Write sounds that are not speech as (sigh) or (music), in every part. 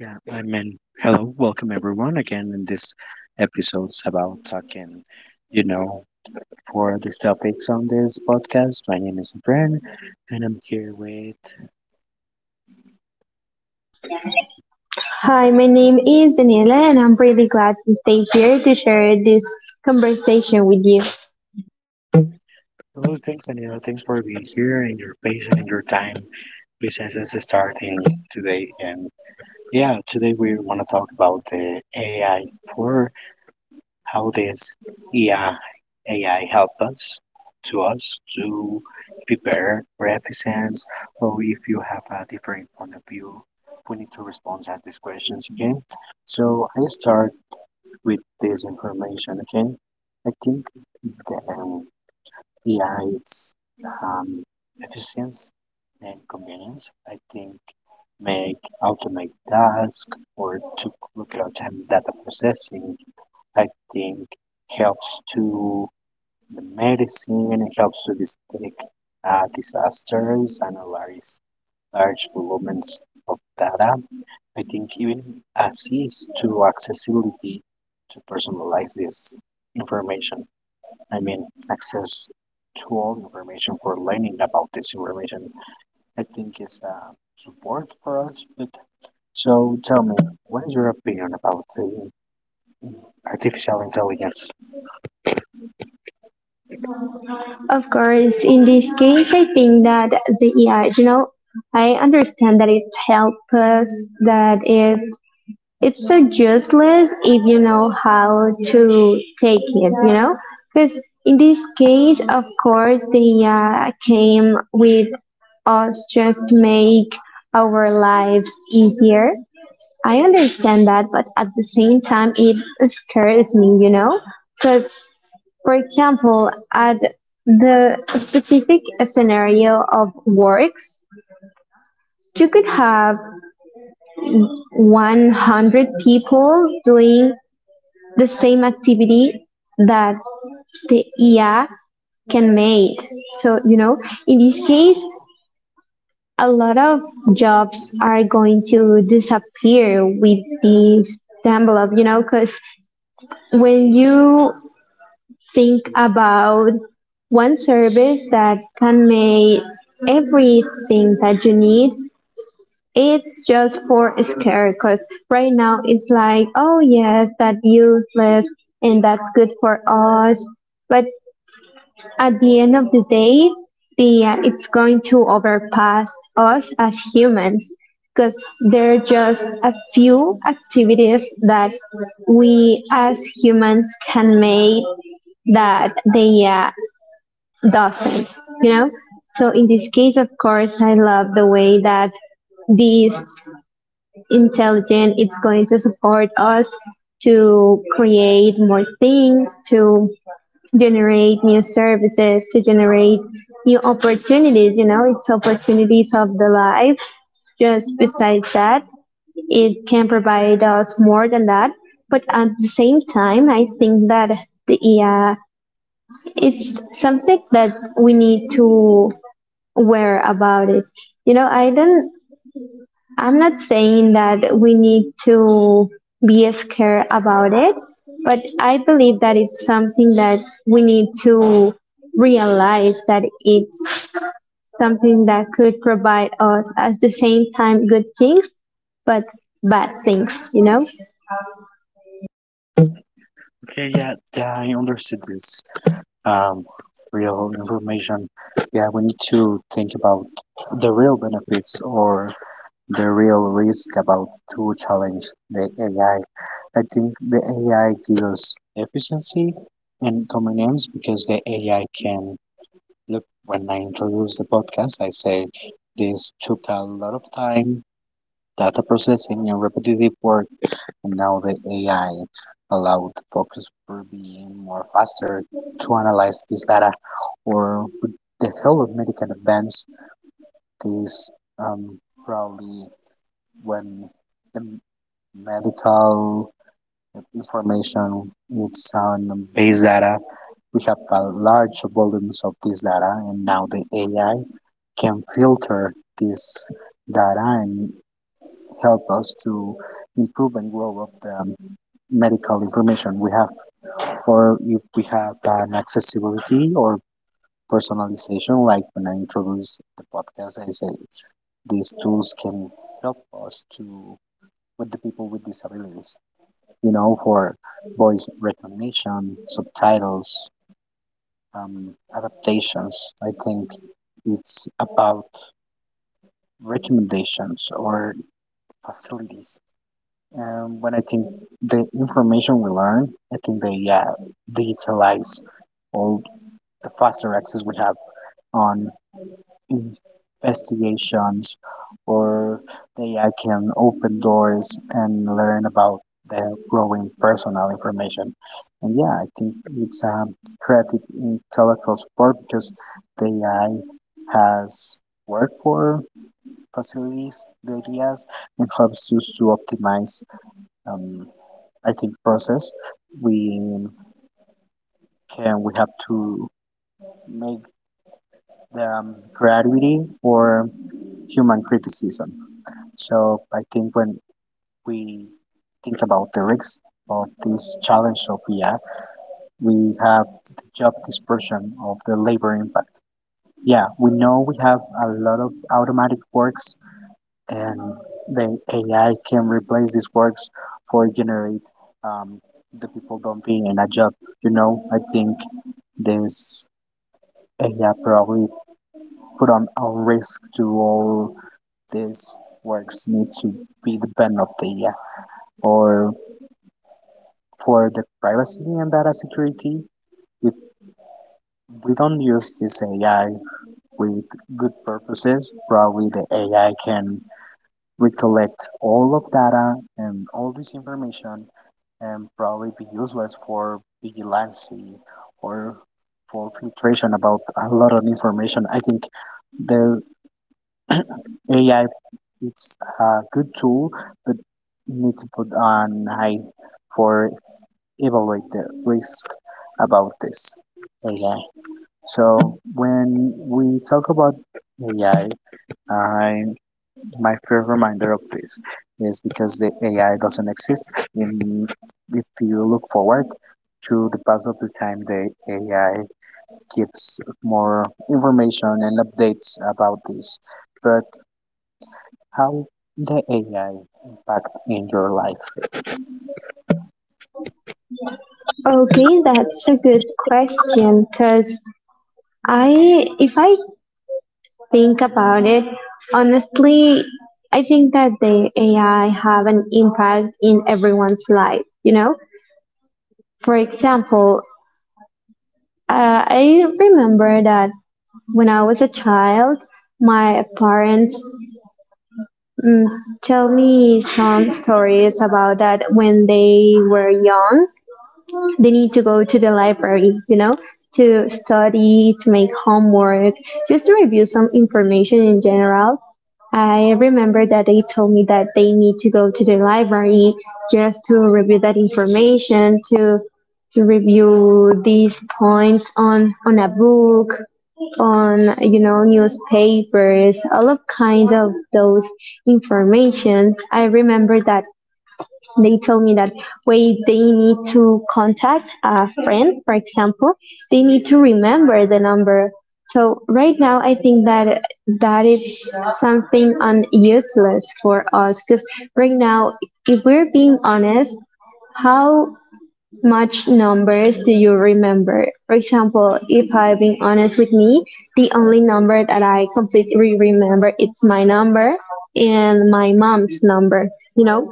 Yeah, I mean, hello, welcome everyone again in this episode's about talking, you know, for these topics on this podcast. My name is Bren, and I'm here with Hi, my name is Daniela, and I'm really glad to stay here to share this conversation with you. hello things and hello things for being here and your patience and your time, which is us starting today. And yeah, today we want to talk about the AI for how this AI, help us to us to prepare references, or if you have a different point of view, we need to respond to these questions again. Okay, so I start with this information again. Okay, I think the AI it's um, efficiency and convenience. I think make automate task or to look at time data processing. I think helps to the medicine, helps to this big disasters and large volumes of data. I think even assists to accessibility to personalize this information. I mean, access to all information for learning about this information. I think is a support for us. But so tell me, what is your opinion about the artificial intelligence? Of course, in this case, I think that the yeah, you know, I understand that it's helpless, that it's so useless if you know how to take it, you know, because in this case, of course, the yeah came with us just to make our lives easier. I understand that, but at the same time, it scares me, you know? So, for example, at the specific scenario of works, you could have 100 people doing the same activity that the IA can make. So, you know, in this case, a lot of jobs are going to disappear with this envelope, you know, because when you think about one service that can make everything that you need, it's just for scare, because right now it's like, oh yes, that's useless and that's good for us, but at the end of the day, the it's going to overpass us as humans, because there are just a few activities that we as humans can make that they doesn't, you know. So in this case, of course, I love the way that this intelligence it's going to support us to create more things, to generate new services, to generate new opportunities. You know, it's opportunities of the life. Just besides that, it can provide us more than that. But at the same time, I think that the it's something that we need to aware about it. You know, I'm not saying that we need to be scared about it, but I believe that it's something that we need to realize that it's something that could provide us at the same time good things, but bad things, you know? Okay, yeah, yeah, I understood this. Um, Real information. Yeah, we need to think about the real benefits or the real risk about to challenge the AI. I think the AI gives efficiency and convenience because the AI can look. When I introduce the podcast, I say this took a lot of time, data processing, and repetitive work. And now the AI allowed the focus for being more faster to analyze this data, or with the help of medical advance, this um, probably when the medical information is on base data, we have a large volumes of this data, and now the AI can filter this data and help us to improve and grow up the medical information we have, or if we have an accessibility or personalization, like when I introduce the podcast, I say these tools can help us to with the people with disabilities, you know, for voice recognition, subtitles, adaptations. I think it's about recommendations or facilities. And when I think the information we learn, I think they yeah digitalize all the faster access we have on investigations, or they I can open doors and learn about the growing personal information. And yeah, I think it's a creative intellectual support because the AI has worked for facilities the ideas and helps us to optimize um, I think process we can we have to make the creativity or human criticism. So I think when we think about the risks of this challenge of yeah, we have the job dispersion of the labor impact. Yeah, we know we have a lot of automatic works, and the AI can replace these works for generate um, the people don't be in a job. You know, I think this AI probably put on a risk to all these works need to be the ban of the AI, or for the privacy and data security. If we don't use this AI with good purposes, probably the AI can we collect all of data and all this information and probably be useless for vigilancy or for filtration about a lot of information. I think the AI it's a good tool, but need to put an eye for evaluate the risk about this AI. So when we talk about AI, I my fair reminder of this is because the AI doesn't exist. In, if you look forward to the past of the time, the AI gives more information and updates about this. But how the AI impact in your life? Okay, that's a good question because I, if I think about it, honestly, I think that the AI have an impact in everyone's life. You know, for example, I remember that when I was a child, my parents mm, tell me some stories about that when they were young, they need to go to the library, you know, to study, to make homework, just to review some information in general. I remember that they told me that they need to go to the library just to review that information, to review these points on a book, on, you know, newspapers, all of kind of those information. I remember that they told me that wait, they need to contact a friend, for example, they need to remember the number. So right now I think that that is something useless for us because right now, if we're being honest, how much numbers do you remember? For example, if I'm being honest with me, the only number that I completely remember it's my number and my mom's number, you know.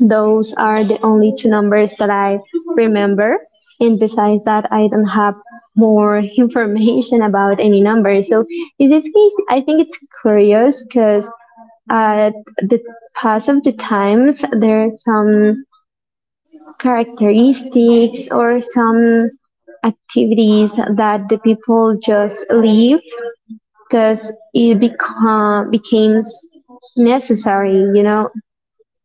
Those are the only two numbers that I remember. And besides that, I don't have more (laughs) information about any number. So in this case, I think it's curious because at the pass of the times, there are some characteristics or some activities that the people just leave because it becomes necessary, you know,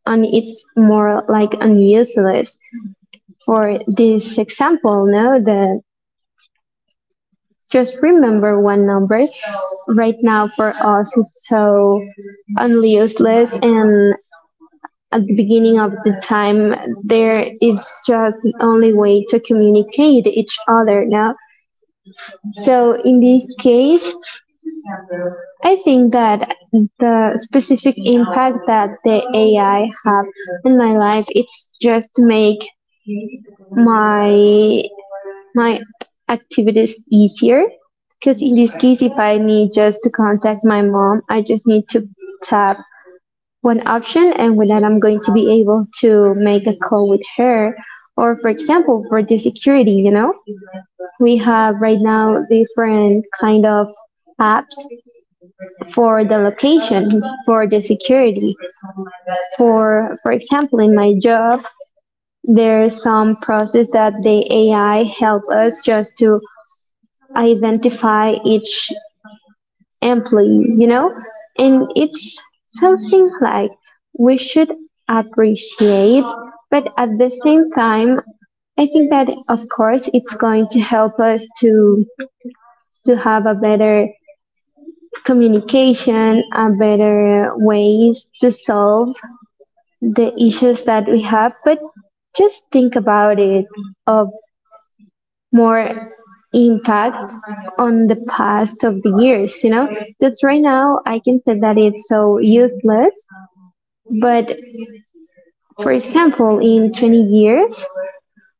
and it's more like unuseless. For this example, no, the just remember one number right now for us is so useless, and at the beginning of the time there is just the only way to communicate each other now. So in this case, I think that the specific impact that the AI have in my life it's just to make my my activities easier. Because in this case, if I need just to contact my mom, I just need to tap one option, and with that, I'm going to be able to make a call with her. Or, for example, for the security, you know, we have right now different kind of apps for the location, for the security. For example, in my job, there's some process that the AI help us just to identify each employee, you know? And it's something like we should appreciate, but at the same time, I think that of course it's going to help us to have a better communication, a better ways to solve the issues that we have, but just think about it of more impact on the past of the years, you know? That's right now I can say that it's so useless, but for example, in 20 years,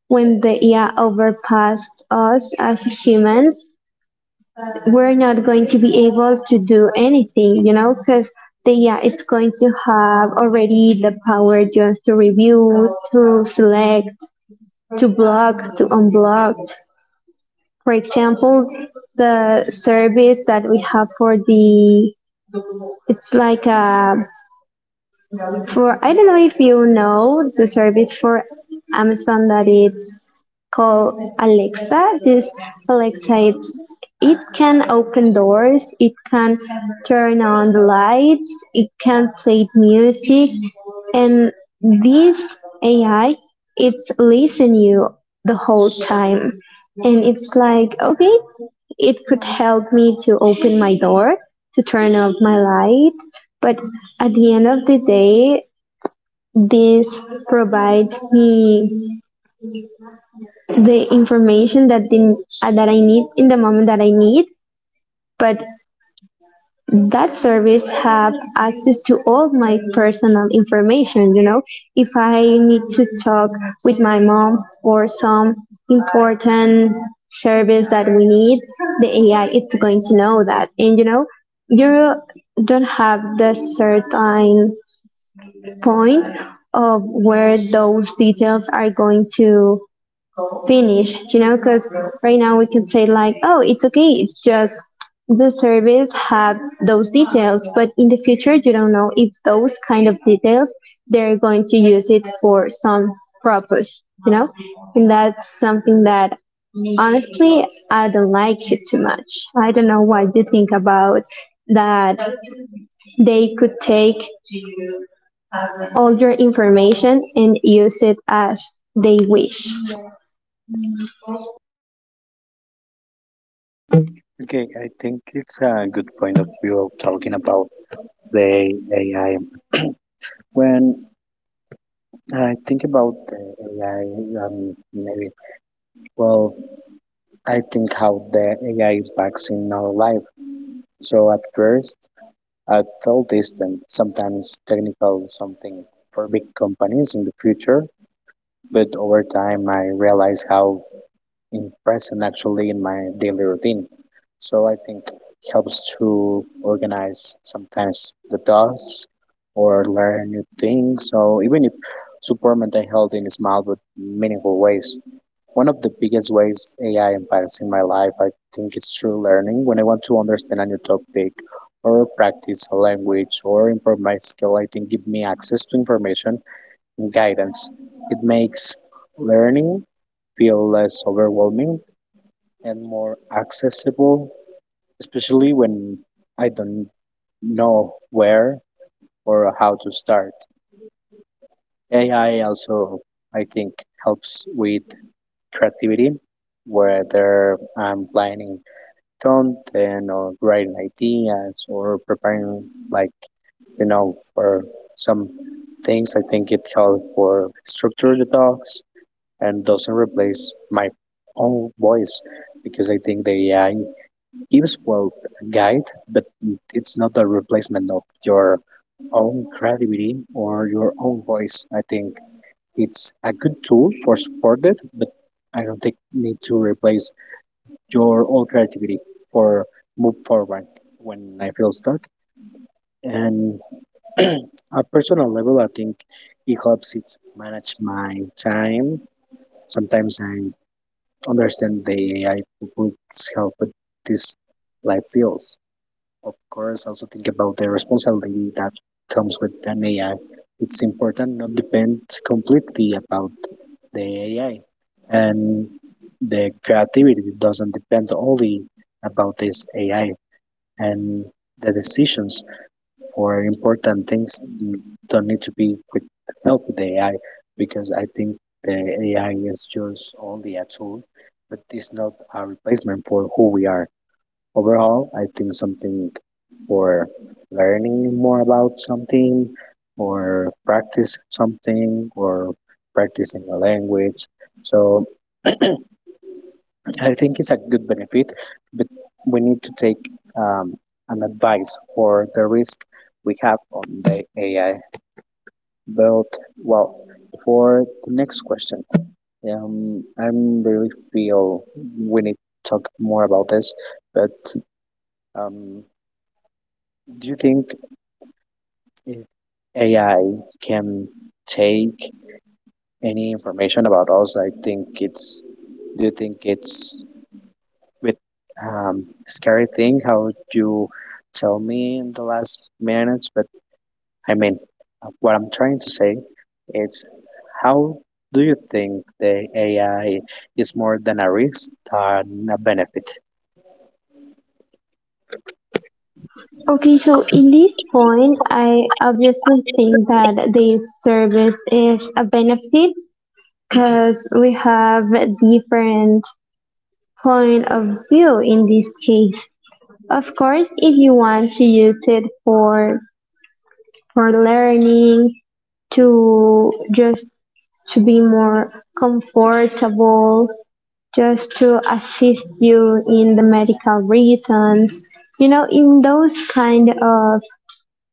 when the AI overpassed us as humans, we're not going to be able to do anything, you know, because the AI is going to have already the power just to review, to select, to block, to unblock. For example, the service that we have for the, it's like a for, I don't know if you know the service for Amazon that is called Alexa. This Alexa, it can open doors, it can turn on the lights, it can play music, and this AI, it's listen you the whole time, and it's like okay, it could help me to open my door, to turn off my light, but at the end of the day, this provides me the information that that I need in the moment that I need, but that service have access to all my personal information. You know, if I need to talk with my mom for some important service that we need, the AI is going to know that. And you know, you don't have the certain point of where those details are going to finish, you know, because right now we can say like, oh, it's okay, it's just the service had those details, but in the future you don't know if those kind of details they're going to use it for some purpose, you know, and that's something that honestly I don't like it too much. I don't know what you think about that they could take all your information and use it as they wish. Okay, I think it's a good point of view of talking about the AI. When I think about the AI, maybe well, I think how the AI impacts in our life. So at first, I felt distant, sometimes technical, something for big companies in the future. But over time, I realized how in present actually in my daily routine. So I think it helps to organize sometimes the tasks or learn new things. So even if support mental health in small but meaningful ways. One of the biggest ways AI impacts in my life, I think, is through learning. When I want to understand a new topic or practice a language or improve my skill, I think give me access to information and guidance. It makes learning feel less overwhelming and more accessible, especially when I don't know where or how to start. AI also, I think, helps with creativity, whether I'm planning content or writing ideas or preparing, like, you know, for some things. I think it helps for structure the talks and doesn't replace my own voice because I think the AI gives well a guide, but it's not a replacement of your own creativity or your own voice. I think it's a good tool for support it, but I don't think need to replace your own creativity for move forward when I feel stuck. And (clears throat) a personal level, I think it helps it manage my time. Sometimes I understand the AI public's help with this life feels of course, also think about the responsibility that comes with an AI. It's important not depend completely about the AI, and the creativity doesn't depend only about this AI, and the decisions for important things don't need to be with help with the AI because I think the AI is just only a tool, but it's not a replacement for who we are overall. I think something for learning more about something or practice something or practicing a language. So I think it's a good benefit, but we need to take um, an advice for the risk we have on the AI. But well, for the next question, I really feel we need to talk more about this, but um, do you think AI can take any information about us. I think it's. Do you think it's with scary thing how you tell me in the last minutes? But I mean, what I'm trying to say is how do you think the AI is more than a risk than a benefit? Okay, so in this point, I obviously think that this service is a benefit because we have different point of view in this case. Of course, if you want to use it for learning, to just to be more comfortable, just to assist you in the medical reasons, you know, in those kind of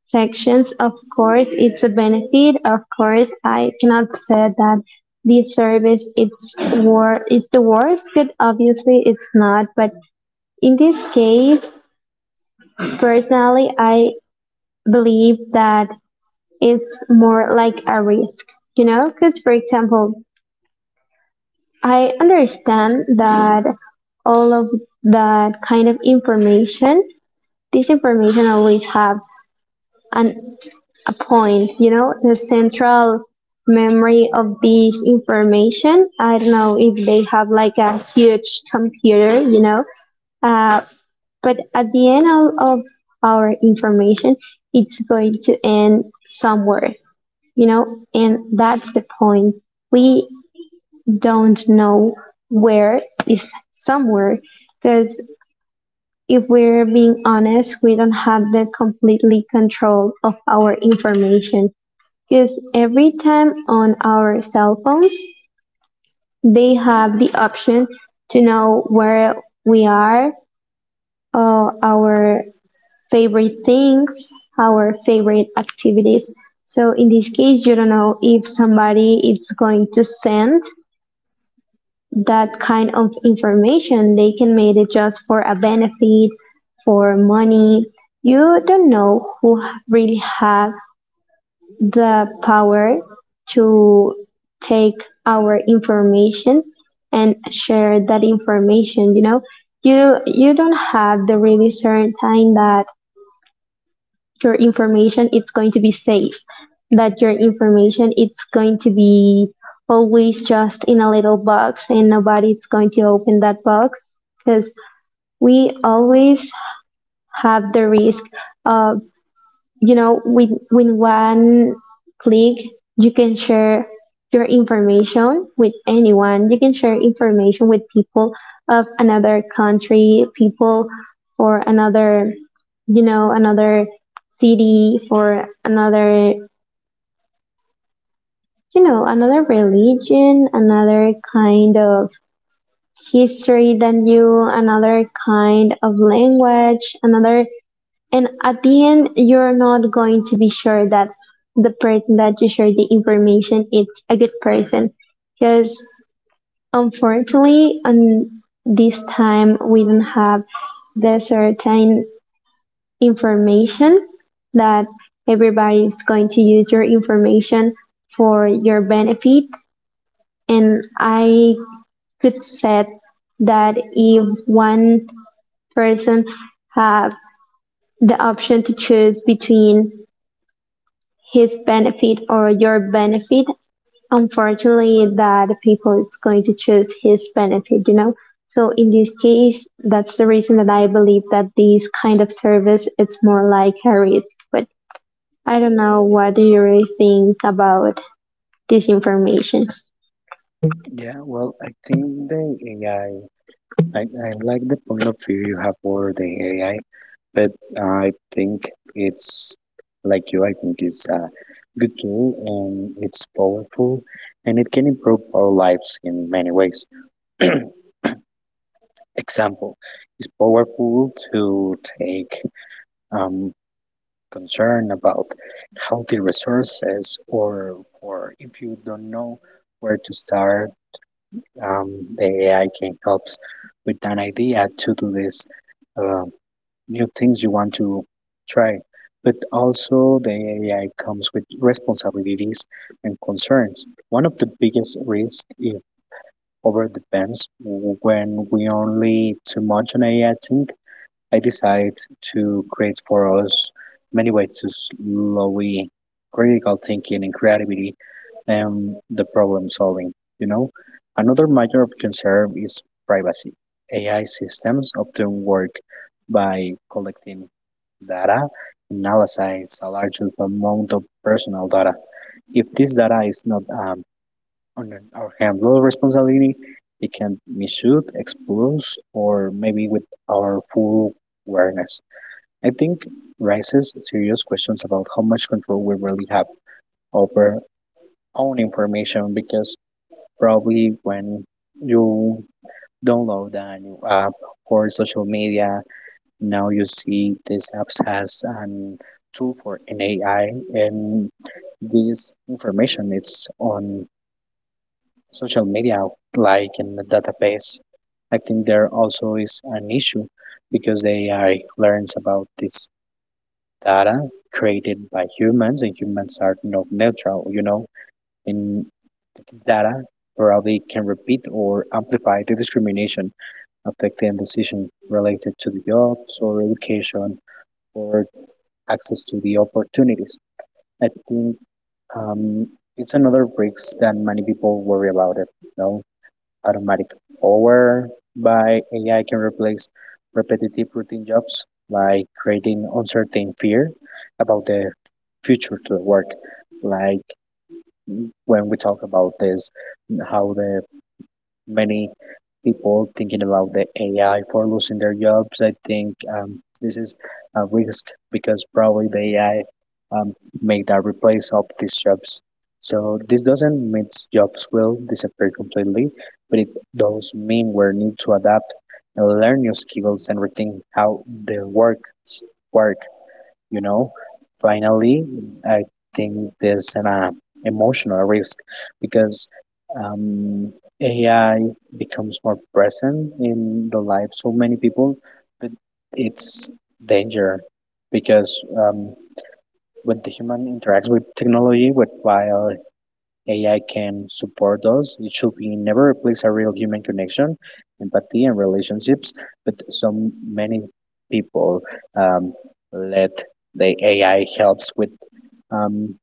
sections. Of course, it's a benefit. Of course, I cannot say that this service is the worst, but obviously it's not. But in this case, personally, I believe that it's more like a risk, you know, because for example, I understand that all of that kind of information, this information always have an a point, you know, the central memory of this information. I don't know if they have like a huge computer, you know, uh, but at the end of our information, it's going to end somewhere, you know, and that's the point. We don't know where is somewhere, because if we're being honest, we don't have the completely control of our information. 'Cause every time on our cell phones, they have the option to know where we are, our favorite things, our favorite activities. So in this case, you don't know if somebody is going to send that kind of information. They can make it just for a benefit, for money. You don't know who really have the power to take our information and share that information. You know, you don't have the really certain time that your information it's going to be safe, that your information it's going to be always just in a little box and nobody's going to open that box, because we always have the risk of, you know, with one click you can share your information with anyone. You can share information with people of another country, people for another, you know, another city, for another, you know, another religion, another kind of history than you, another kind of language, another. And at the end, you're not going to be sure that the person that you share the information is a good person. Because unfortunately, on this time, we don't have the certain information that everybody is going to use your information for your benefit. And I could say that if one person have the option to choose between his benefit or your benefit, unfortunately that people is going to choose his benefit. So in this case, that's the reason that I believe that this kind of service it's more like a risk. But I don't know, what do you really think about this information? Yeah, well, I think the AI, I like the point of view you have for the AI. But I think it's like you, I think it's a good tool and it's powerful and it can improve our lives in many ways. (clears throat) Example, it's powerful to take um, concern about healthy resources or for if you don't know where to start, the AI can help with an idea to do this. um New things you want to try. But also, the AI comes with responsibilities and concerns. One of the biggest risks is overdependence. When we only too much on AI, I decide to create for us many ways to slowly critical thinking and creativity and the problem solving, you know. Another matter of concern is privacy. AI systems often work by collecting data and analyze a large amount of personal data. If this data is not or handle responsibility. It can misuse, expose, or maybe with our full awareness. I think raises serious questions about how much control we really have over own information because probably when you download a new app or social media, now you see this app has an tool for an AI, and this information it's on social media like in the database. I think there also is an issue because the AI learns about this data created by humans and humans are not neutral, you know, in data probably can repeat or amplify the discrimination affecting decision related to the jobs or education or access to the opportunities. I think um, it's another risk that many people worry about it, you know? Automatic over by AI can replace repetitive routine jobs, like creating uncertain fear about the future to the work. Like when we talk about this, how the many people thinking about the AI for losing their jobs. I think this is a risk because probably the AI um, may that replace of these jobs. So this doesn't mean jobs will disappear completely, but it does mean we need to adapt and learn new skills and rethink how the work, you know. Finally, I think there's an emotional risk because um, AI becomes more present in the lives of many people, but it's danger because when the human interacts with technology with while AI can support us. It should be never replace a real human connection, empathy, and relationships. But so many people um, let the AI helps with um,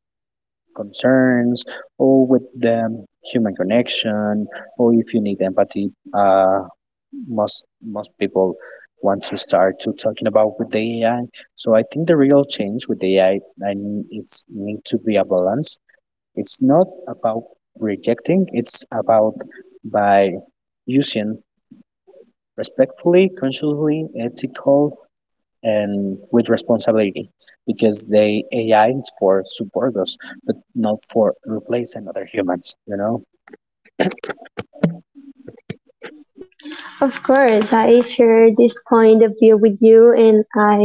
concerns or with the human connection, or if you need empathy, most people want to start to talking about with the AI. So I think the real change with AI, I mean, it's need to be a balance. It's not about rejecting, it's about by using respectfully, consciously, ethical, and with responsibility. Because the AI is for support us, but not for replacing other humans, you know? Of course I share this point of view with you, and i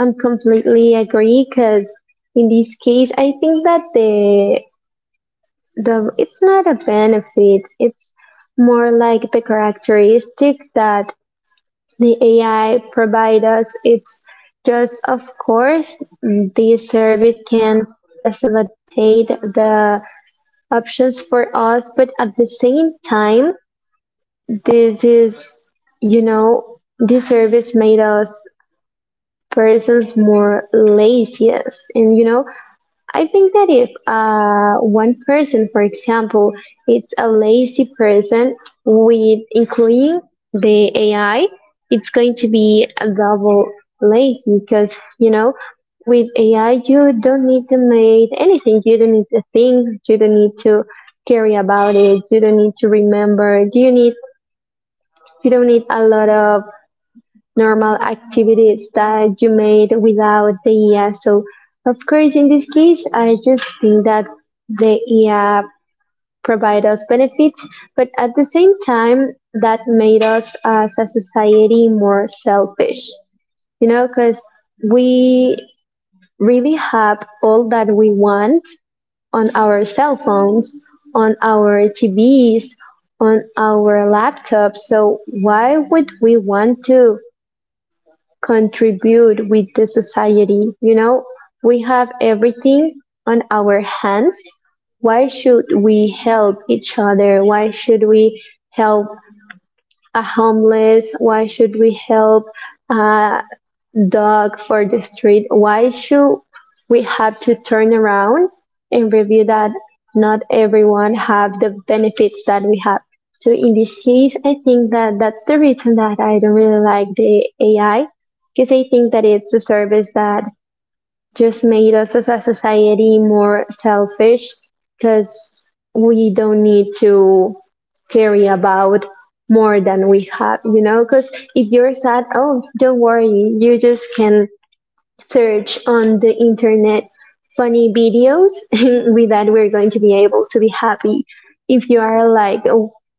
i'm completely agree because in this case I think that the it's not a benefit, it's more like the characteristic that the AI provide us. It's just, of course, the service can facilitate the options for us, but at the same time, this is this service made us persons more laziest, and I think that if one person, for example, it's a lazy person with including the AI, it's going to be a double lazy because, you know, with AI, you don't need to make anything. You don't need to think. You don't need to care about it. You don't need to remember. You don't need a lot of normal activities that you made without the IA. So, of course, in this case, I just think that the IA provide us benefits, but at the same time, that made us as a society more selfish, you know, because we really have all that we want on our cell phones, on our TVs, on our laptops. So why would we want to contribute with the society? You know, we have everything on our hands. Why should we help each other? Why should we help a homeless? Why should we help, uh, dog for the street? Why should we have to turn around and review that not everyone have the benefits that we have? So in this case, I think that that's the reason that I don't really like the AI, because I think that it's a service that just made us as a society more selfish, because we don't need to carry about more than we have, you know, because if you're sad, oh, don't worry, you just can search on the internet funny videos (laughs) and with that we're going to be able to be happy. If you are like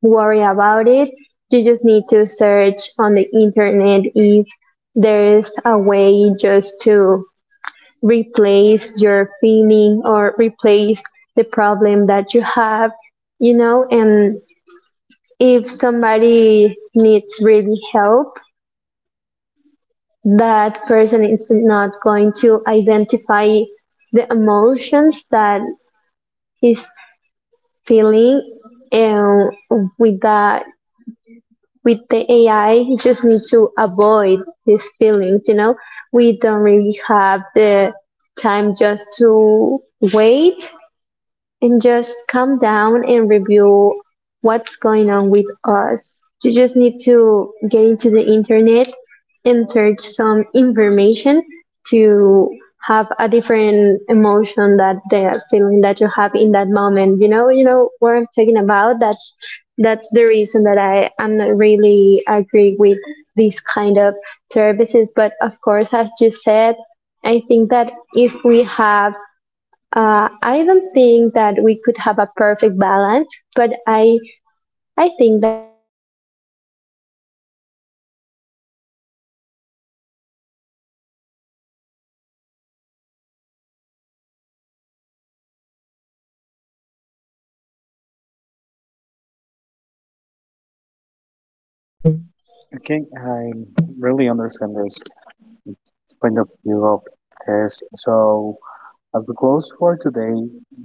worried about it, you just need to search on the internet if there's a way just to replace your feeling or replace the problem that you have, you know. And if somebody needs really help, that person is not going to identify the emotions that he's feeling, and with that, with the AI you just need to avoid these feelings, you know. We don't really have the time just to wait and just come down and review what's going on with us. You just need to get into the internet and search some information to have a different emotion that the feeling that you have in that moment. You know what I'm talking about. That's the reason that I am not really agree with this kind of services. But of course, as you said, I think that if we have I don't think that we could have a perfect balance, but I think that we could have a balance that benefit us as humans, as a society, and at the same time bring us the opportunity to continue creating, including the AI. AI. Okay, I really understand this point of view of this. So, as we close for today,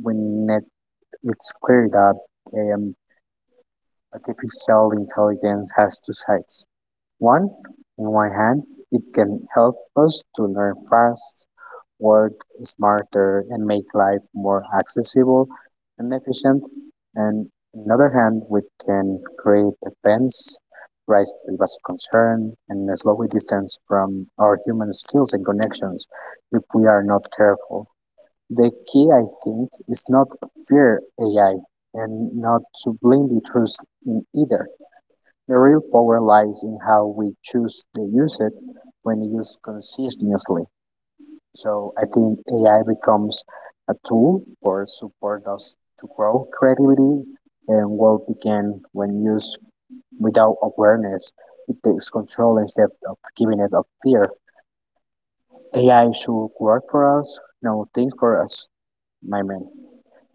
we net it's clear that um, artificial intelligence has two sides. One, on one hand, it can help us to learn fast, work smarter, and make life more accessible and efficient. And on the other hand, we can create defense, raise privacy concern, and slowly distance from our human skills and connections if we are not careful. The key, I think, is not fear AI and not to blindly trust in either. The real power lies in how we choose to use it when used consistently. So I think AI becomes a tool for support us to grow creativity and what begin when used without awareness. It takes control instead of giving it up fear. AI should work for us, not think for us, my man.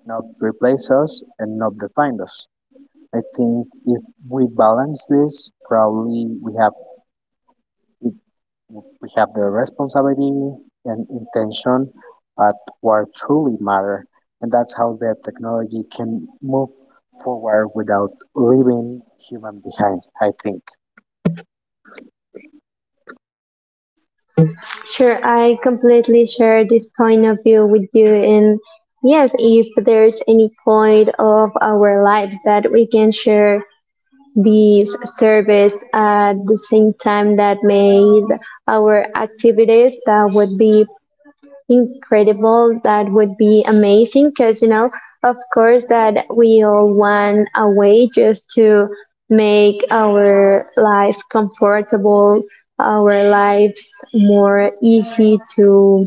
Not replace us and not define us. I think if we balance this, probably we have we have the responsibility and intention at what truly matter, and that's how the technology can move forward without leaving human behind, I think. Sure, I completely share this point of view with you, and yes, if there's any point of our lives that we can share this service at the same time that made our activities, that would be incredible, that would be amazing, because you know, of course that we all want a way just to make our life comfortable, our lives more easy to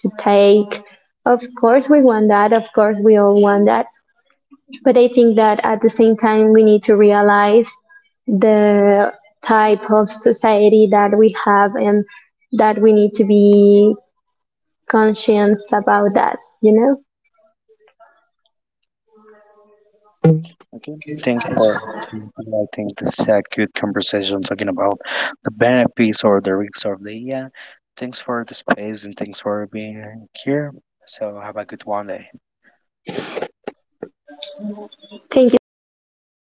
to take, of course we want that, of course we all want that. But I think that at the same time, we need to realize the type of society that we have, and that we need to be conscious about that, you know? Okay. Thanks for I think this is a good conversation talking about the benefits or the risks of the AI. Thanks for the space and thanks for being here. So have a good one day. Thank you so much.